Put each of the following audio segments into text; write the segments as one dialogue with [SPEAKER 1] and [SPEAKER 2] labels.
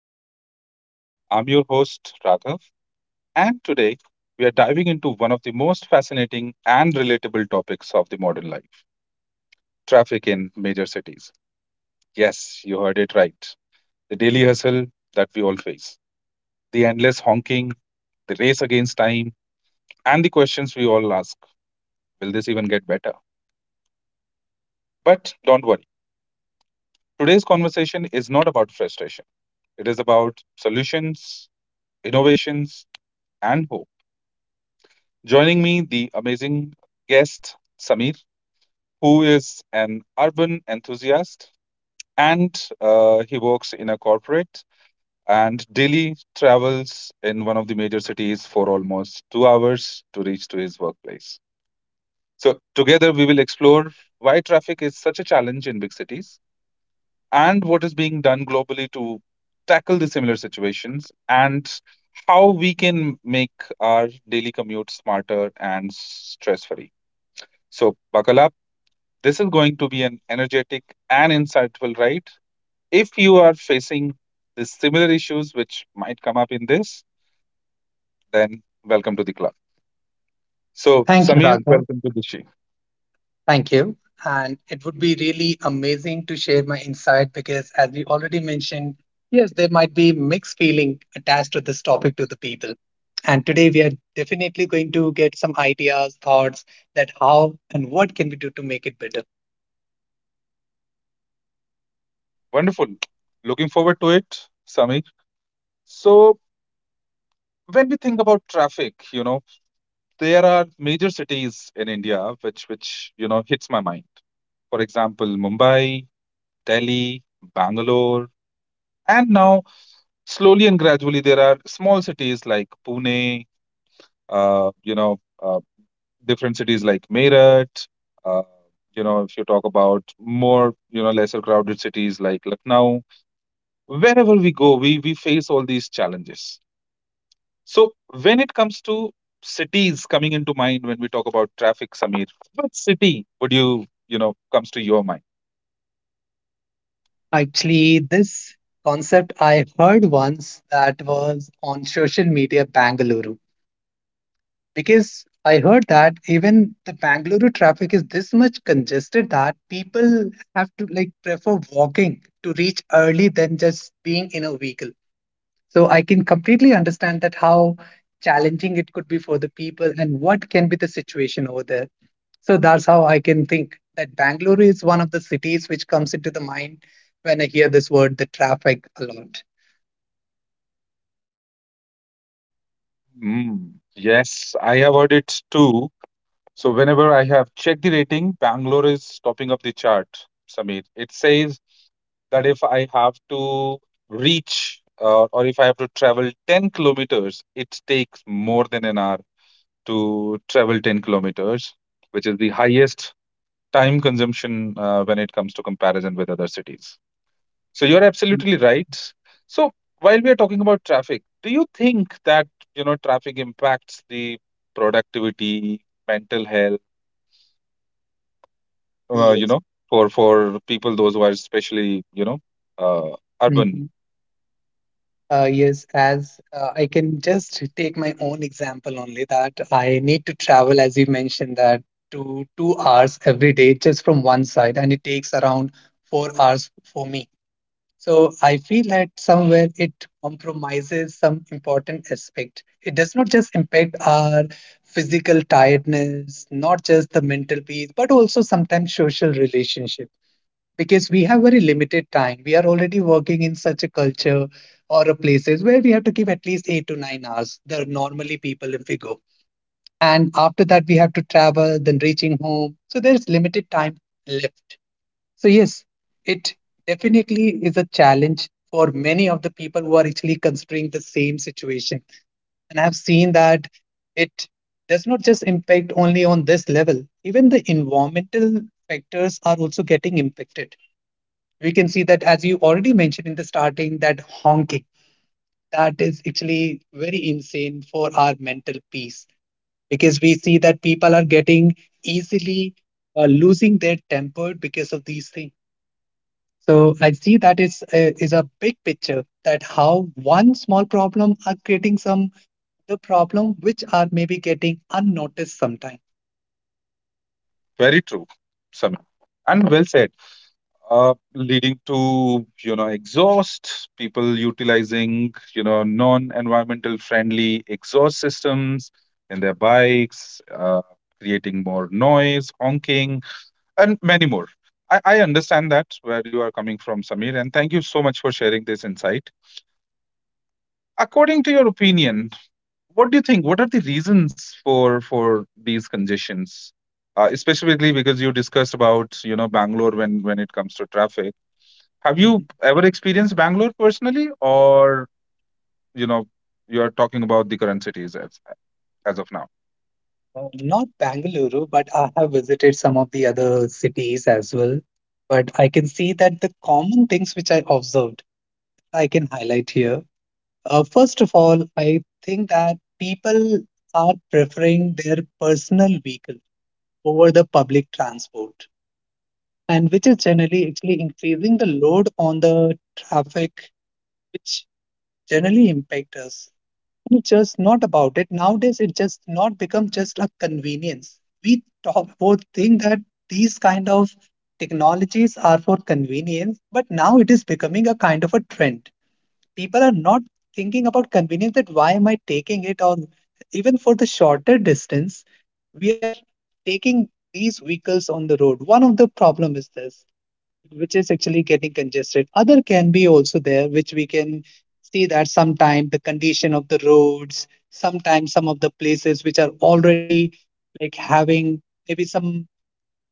[SPEAKER 1] Stories. I'm your host Raghav and today we are diving into one of the most fascinating and relatable topics of the modern life, traffic in major cities. Yes, you heard it right. The daily hustle that we all face, the endless honking, the race against time and the questions we all ask, will this even get better? But don't worry. Today's conversation is not about frustration. It is about solutions, innovations and hope. Joining me, the amazing guest, Samir, who is an urban enthusiast and he works in a corporate and daily travels in one of the major cities for almost 2 hours to reach to his workplace. So, together we will explore why traffic is such a challenge in big cities and what is being done globally to tackle the similar situations and how we can make our daily commute smarter and stress free. So, buckle up. This is going to be an energetic and insightful ride. If you are facing the similar issues which might come up in this, then welcome to the club. So,
[SPEAKER 2] Thank you,
[SPEAKER 1] Samir,
[SPEAKER 2] Raghav.
[SPEAKER 1] welcome to the show.
[SPEAKER 2] Thank you. And it would be really amazing to share my insight because, as we already mentioned, yes, there might be mixed feeling attached to this topic to the people. And today we are definitely going to get some ideas, thoughts that how and what can we do to make it better.
[SPEAKER 1] Wonderful. Looking forward to it, Samir. So, when we think about traffic, you know, there are major cities in India which you know hits my mind. For example, Mumbai, Delhi, Bangalore, and now slowly and gradually there are small cities like Pune, you know, different cities like Meerut. Uh, you know, if you talk about more, you know, lesser crowded cities like Lucknow, wherever we go, we face all these challenges. So when it comes to cities coming into mind when we talk about traffic, Samir, what city would you, you know, comes to your mind?
[SPEAKER 2] Actually, this concept I heard once that was on social media Bangalore. Because I heard that even the Bangalore traffic is this much congested that people have to like prefer walking to reach early than just being in a vehicle. So I can completely understand that how challenging it could be for the people and what can be the situation over there. So that's how I can think that Bangalore is one of the cities which comes into the mind when I hear this word, the traffic, a lot.
[SPEAKER 1] Mm, yes, I have heard it too. So whenever I have checked the rating, Bangalore is topping up the chart, Samir. It says that if I have to reach or if I have to travel 10 kilometers, it takes more than an hour to travel 10 kilometers, which is the highest time consumption when it comes to comparison with other cities. So you're absolutely right. So while we are talking about traffic, do you think that you know traffic impacts the productivity, mental health, you
[SPEAKER 2] Yes.
[SPEAKER 1] know, for people those who are especially you know uh, urban.
[SPEAKER 2] Yes, as I can just take my own example only that I need to travel, as you mentioned, that to 2 hours every day just from one side, and it takes around 4 hours for me. So I feel that somewhere it compromises some important aspect. It does not just impact our physical tiredness, not just the mental peace, but also sometimes social relationship because we have very limited time. We are already working in such a culture or a places where we have to give at least 8 to 9 hours. There are normally people if we go. And after that, we have to travel, then reaching home. So there's limited time left. So, yes, it definitely is a challenge for many of the people who are actually considering the same situation. And I've seen that it does not just impact only on this level, even the environmental factors are also getting impacted. We can see that as you already mentioned in the starting that honking, that is actually very insane for our mental peace because we see that people are getting easily losing their temper because of these things. So I see that is a big picture that how one small problem are creating some the problem which are maybe getting unnoticed sometime.
[SPEAKER 1] Very true, Samir. And well said. Leading to, you know, exhaust, people utilizing, you know, non-environmental friendly exhaust systems in their bikes, creating more noise, honking, and many more. I understand that where you are coming from, Samir, and thank you so much for sharing this insight. According to your opinion, what do you think? What are the reasons for these congestions? Specifically because you discussed about, you know, Bangalore when it comes to traffic. Have you ever experienced Bangalore personally, or you know, you're talking about the current cities as of now?
[SPEAKER 2] Not Bangalore, but I have visited some of the other cities as well. But I can see that the common things which I observed, I can highlight here. First of all, I think that people are preferring their personal vehicle over the public transport, and which is generally actually increasing the load on the traffic, which generally impact us. It's just not about it. Nowadays, it just not become just a convenience. We talk both think that these kind of technologies are for convenience, but now it is becoming a kind of a trend. People are not thinking about convenience that why am I taking it or even for the shorter distance, we are taking these vehicles on the road. One of the problem is this which is actually getting congested. Other can be also there, which we can see that sometime the condition of the roads, sometimes some of the places which are already like having maybe some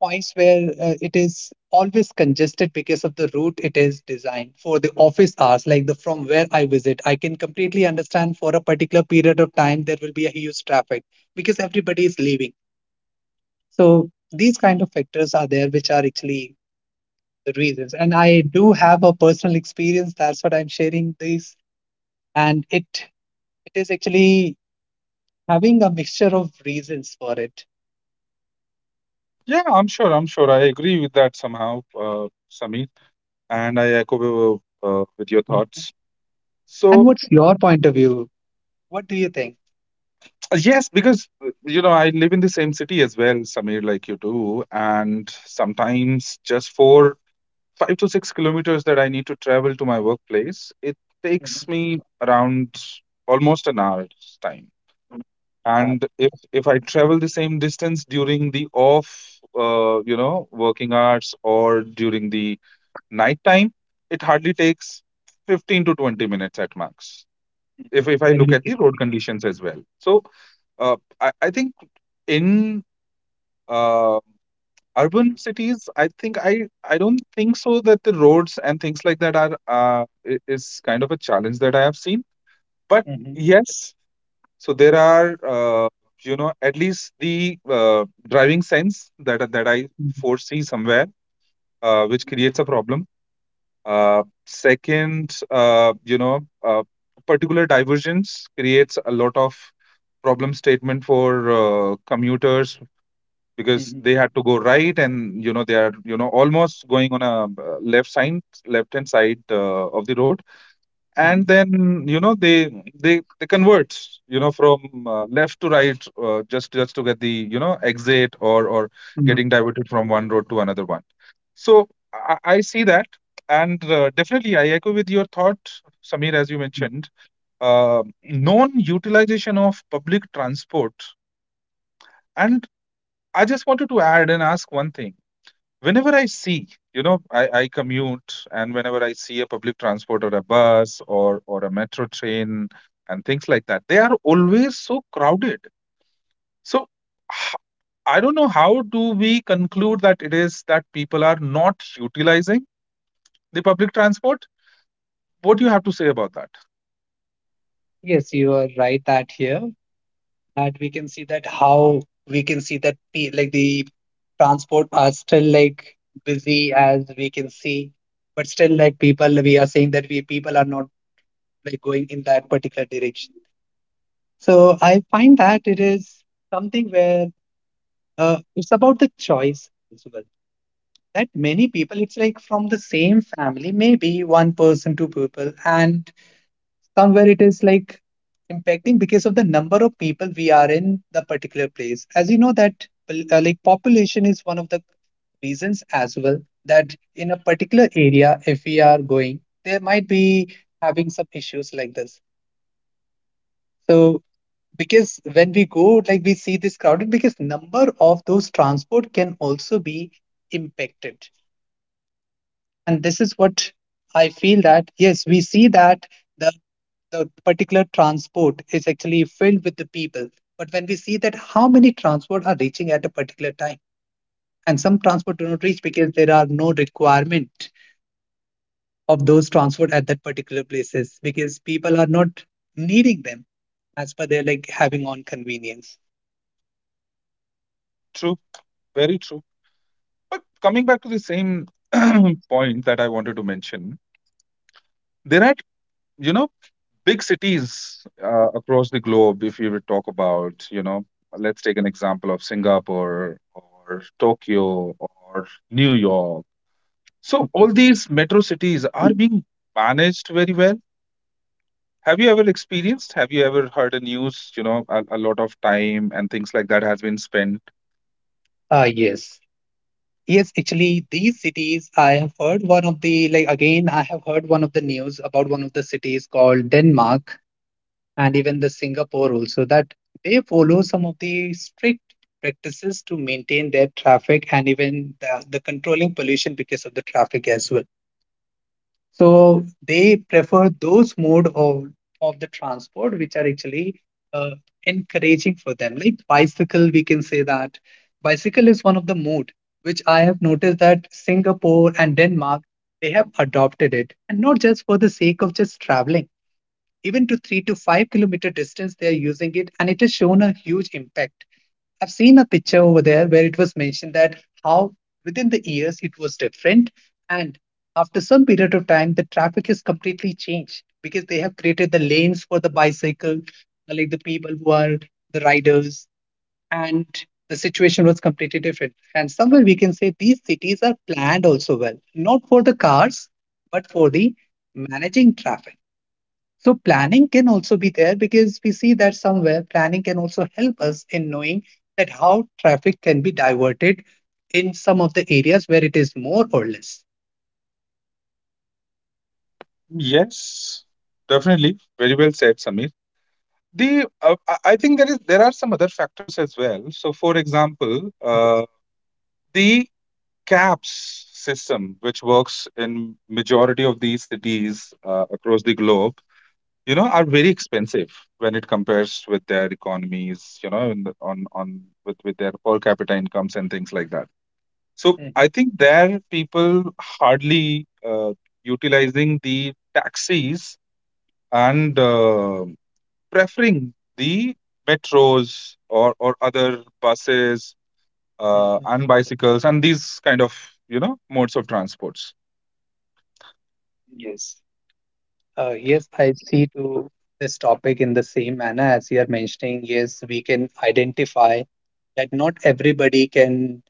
[SPEAKER 2] points where it is always congested because of the route it is designed for the office hours like the from where I visit I can completely understand for a particular period of time there will be a huge traffic because everybody is leaving. So these kind of factors are there which are actually the reasons. And I do have a personal experience. That's what I'm sharing this. And it is actually having a mixture of reasons for it.
[SPEAKER 1] Yeah, I'm sure. I'm sure. I agree with that somehow, Sameer, and I echo with your
[SPEAKER 2] Mm.
[SPEAKER 1] thoughts.
[SPEAKER 2] And
[SPEAKER 1] So
[SPEAKER 2] what's your point of view? What do you think?
[SPEAKER 1] yes, because you know I live in the same city as well, Sameer, like you do, and sometimes just for 5 to 6 kilometers that I need to travel to my workplace, it takes
[SPEAKER 2] Mhm.
[SPEAKER 1] me around almost an hour's time.
[SPEAKER 2] About
[SPEAKER 1] And if I travel the same distance during the off, you know, working hours or during the night time, it hardly takes 15 to 20 minutes at max.
[SPEAKER 2] it?
[SPEAKER 1] If I
[SPEAKER 2] Then
[SPEAKER 1] look
[SPEAKER 2] we
[SPEAKER 1] at
[SPEAKER 2] can.
[SPEAKER 1] the road conditions as well, so uh, I think in uh, urban cities, I think I don't think so that the roads and things like that are uh, is kind of a challenge that I have seen. But
[SPEAKER 2] Mhm.
[SPEAKER 1] yes, so there are you know at least the driving sense that I
[SPEAKER 2] Mhm.
[SPEAKER 1] foresee somewhere which creates a problem. Second, you know, uh, particular divergence creates a lot of problem statement for commuters because
[SPEAKER 2] Mhm.
[SPEAKER 1] they had to go right and you know they are you know almost going on a left side left hand side of the road and then you know they convert you know from left to right just to get the you know exit or
[SPEAKER 2] Mhm.
[SPEAKER 1] getting diverted from one road to another one. So I see that and definitely I echo with your thought, Samir, as you
[SPEAKER 2] Mhm.
[SPEAKER 1] mentioned uh, non utilization of public transport and I just wanted to add and ask one thing. Whenever I see, you know, I commute and whenever I see a public transport or a bus or a metro train and things like that, they are always so crowded. So h- I don't know how do we conclude that it is that people are not utilizing the public transport? What do you have to say about that?
[SPEAKER 2] Yes, you are right that here that we can see that how we can see that like the transport are still like busy as we can see but still like people we are saying that we people are not like going in that particular direction. So I find that it is something where it's about the choice as well, that many people it's like from the same family maybe one person two people and somewhere it is like impacting because of the number of people we are in the particular place as you know that like population is one of the reasons as well that in a particular area if we are going there might be having some issues like this. So because when we go like we see this crowded because number of those transport can also be impacted. And this is what I feel that yes we see that the the particular transport is actually filled with the people. But when we see that how many transport are reaching at a particular time, and some transport do not reach because there are no requirement of those transport at that particular places because people are not needing them as per their like having on convenience.
[SPEAKER 1] True, very true. But coming back to the same point that I wanted to mention, there are, you know, big cities across the globe if you would talk about you know let's take an example of Singapore or Tokyo or New York. So all these metro cities are being managed very well. Have you ever experienced, have you ever heard a news, you know, a lot of time and things like that has been spent?
[SPEAKER 2] Ah, yes. Yes, actually, these cities, I have heard one of the, like, again, I have heard one of the news about one of the cities called Denmark, and even the Singapore also that they follow some of the strict practices to maintain their traffic and even the controlling pollution because of the traffic as well. So they prefer those mode of the transport which are actually uh, encouraging for them. Like bicycle, we can say that bicycle is one of the mode which I have noticed that Singapore and Denmark they have adopted it, and not just for the sake of just traveling even to 3 to 5 kilometer distance they are using it and it has shown a huge impact. I've seen a picture over there where it was mentioned that how within the years it was different and after some period of time the traffic has completely changed because they have created the lanes for the bicycle like the people who are the riders and the situation was completely different and somewhere we can say these cities are planned also well not for the cars but for the managing traffic. So planning can also be there because we see that somewhere planning can also help us in knowing that how traffic can be diverted in some of the areas where it is more or less.
[SPEAKER 1] Yes, definitely very well said, Samir. The I think there is there are some other factors as well. So for example uh, the CAPS system, which works in majority of these cities across the globe, you know, are very
[SPEAKER 2] Mhm,
[SPEAKER 1] expensive when it compares with their economies, you know, in the, on with their per capita incomes and things like that. So I
[SPEAKER 2] mhm,
[SPEAKER 1] think there people hardly utilizing the taxis and preferring the metros or other buses
[SPEAKER 2] mhm.
[SPEAKER 1] and bicycles and these kind of you know modes of transports.
[SPEAKER 2] Yes. Yes, I see to this topic in the same manner as you are mentioning. Yes, we can identify that not everybody can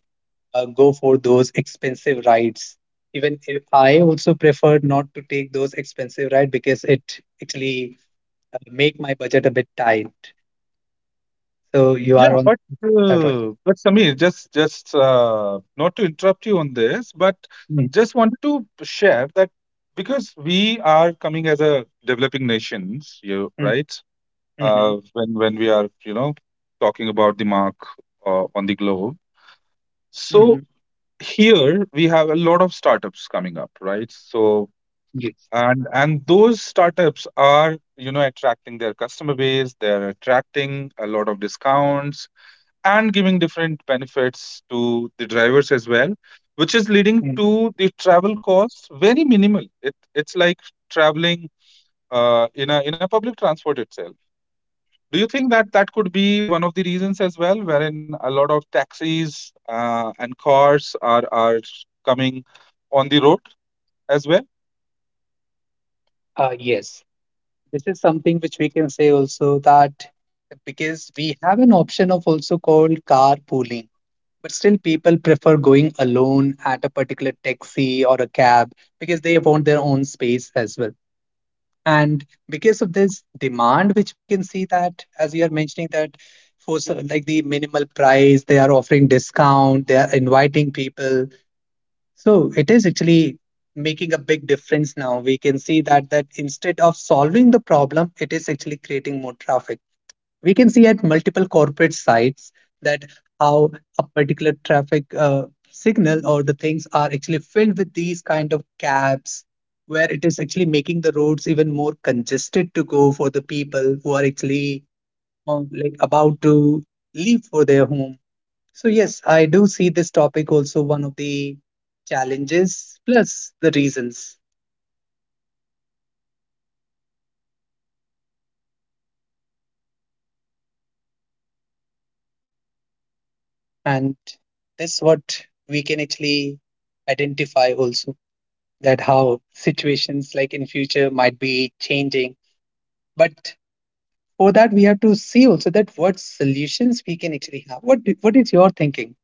[SPEAKER 2] go for those expensive rides. Even if I also prefer not to take those expensive rides because it actually make my budget a bit tight. So you
[SPEAKER 1] Yeah,
[SPEAKER 2] are on
[SPEAKER 1] but
[SPEAKER 2] that right.
[SPEAKER 1] but Samir, just not to interrupt you on this, but
[SPEAKER 2] Mm-hmm.
[SPEAKER 1] just wanted to share that because we are coming as a developing nations, you right? When we are you know talking about the mark on the globe,
[SPEAKER 2] Mm-hmm.
[SPEAKER 1] so here we have a lot of startups coming up, right? So
[SPEAKER 2] Yes.
[SPEAKER 1] and those startups are you know attracting their customer base, they're attracting a lot of discounts and giving different benefits to the drivers as well, which is leading
[SPEAKER 2] Mm.
[SPEAKER 1] to the travel costs very minimal. It it's like traveling in a public transport itself. Do you think that that could be one of the reasons as well, wherein a lot of taxis and cars are coming on the road as well?
[SPEAKER 2] Yes. This is something which we can say also that because we have an option of also called carpooling, but still people prefer going alone at a particular taxi or a cab because they want their own space as well. And because of this demand which we can see that as you are mentioning that for like the minimal price they are offering discount they are inviting people. So it is actually making a big difference. Now we can see that that instead of solving the problem it is actually creating more traffic. We can see at multiple corporate sites that how a particular traffic signal or the things are actually filled with these kind of cabs where it is actually making the roads even more congested to go for the people who are actually like about to leave for their home. So yes I do see this topic also one of the challenges plus the reasons. And this what we can actually identify also that how situations like in future might be changing. But for that we have to see also that what solutions we can actually have. What is your thinking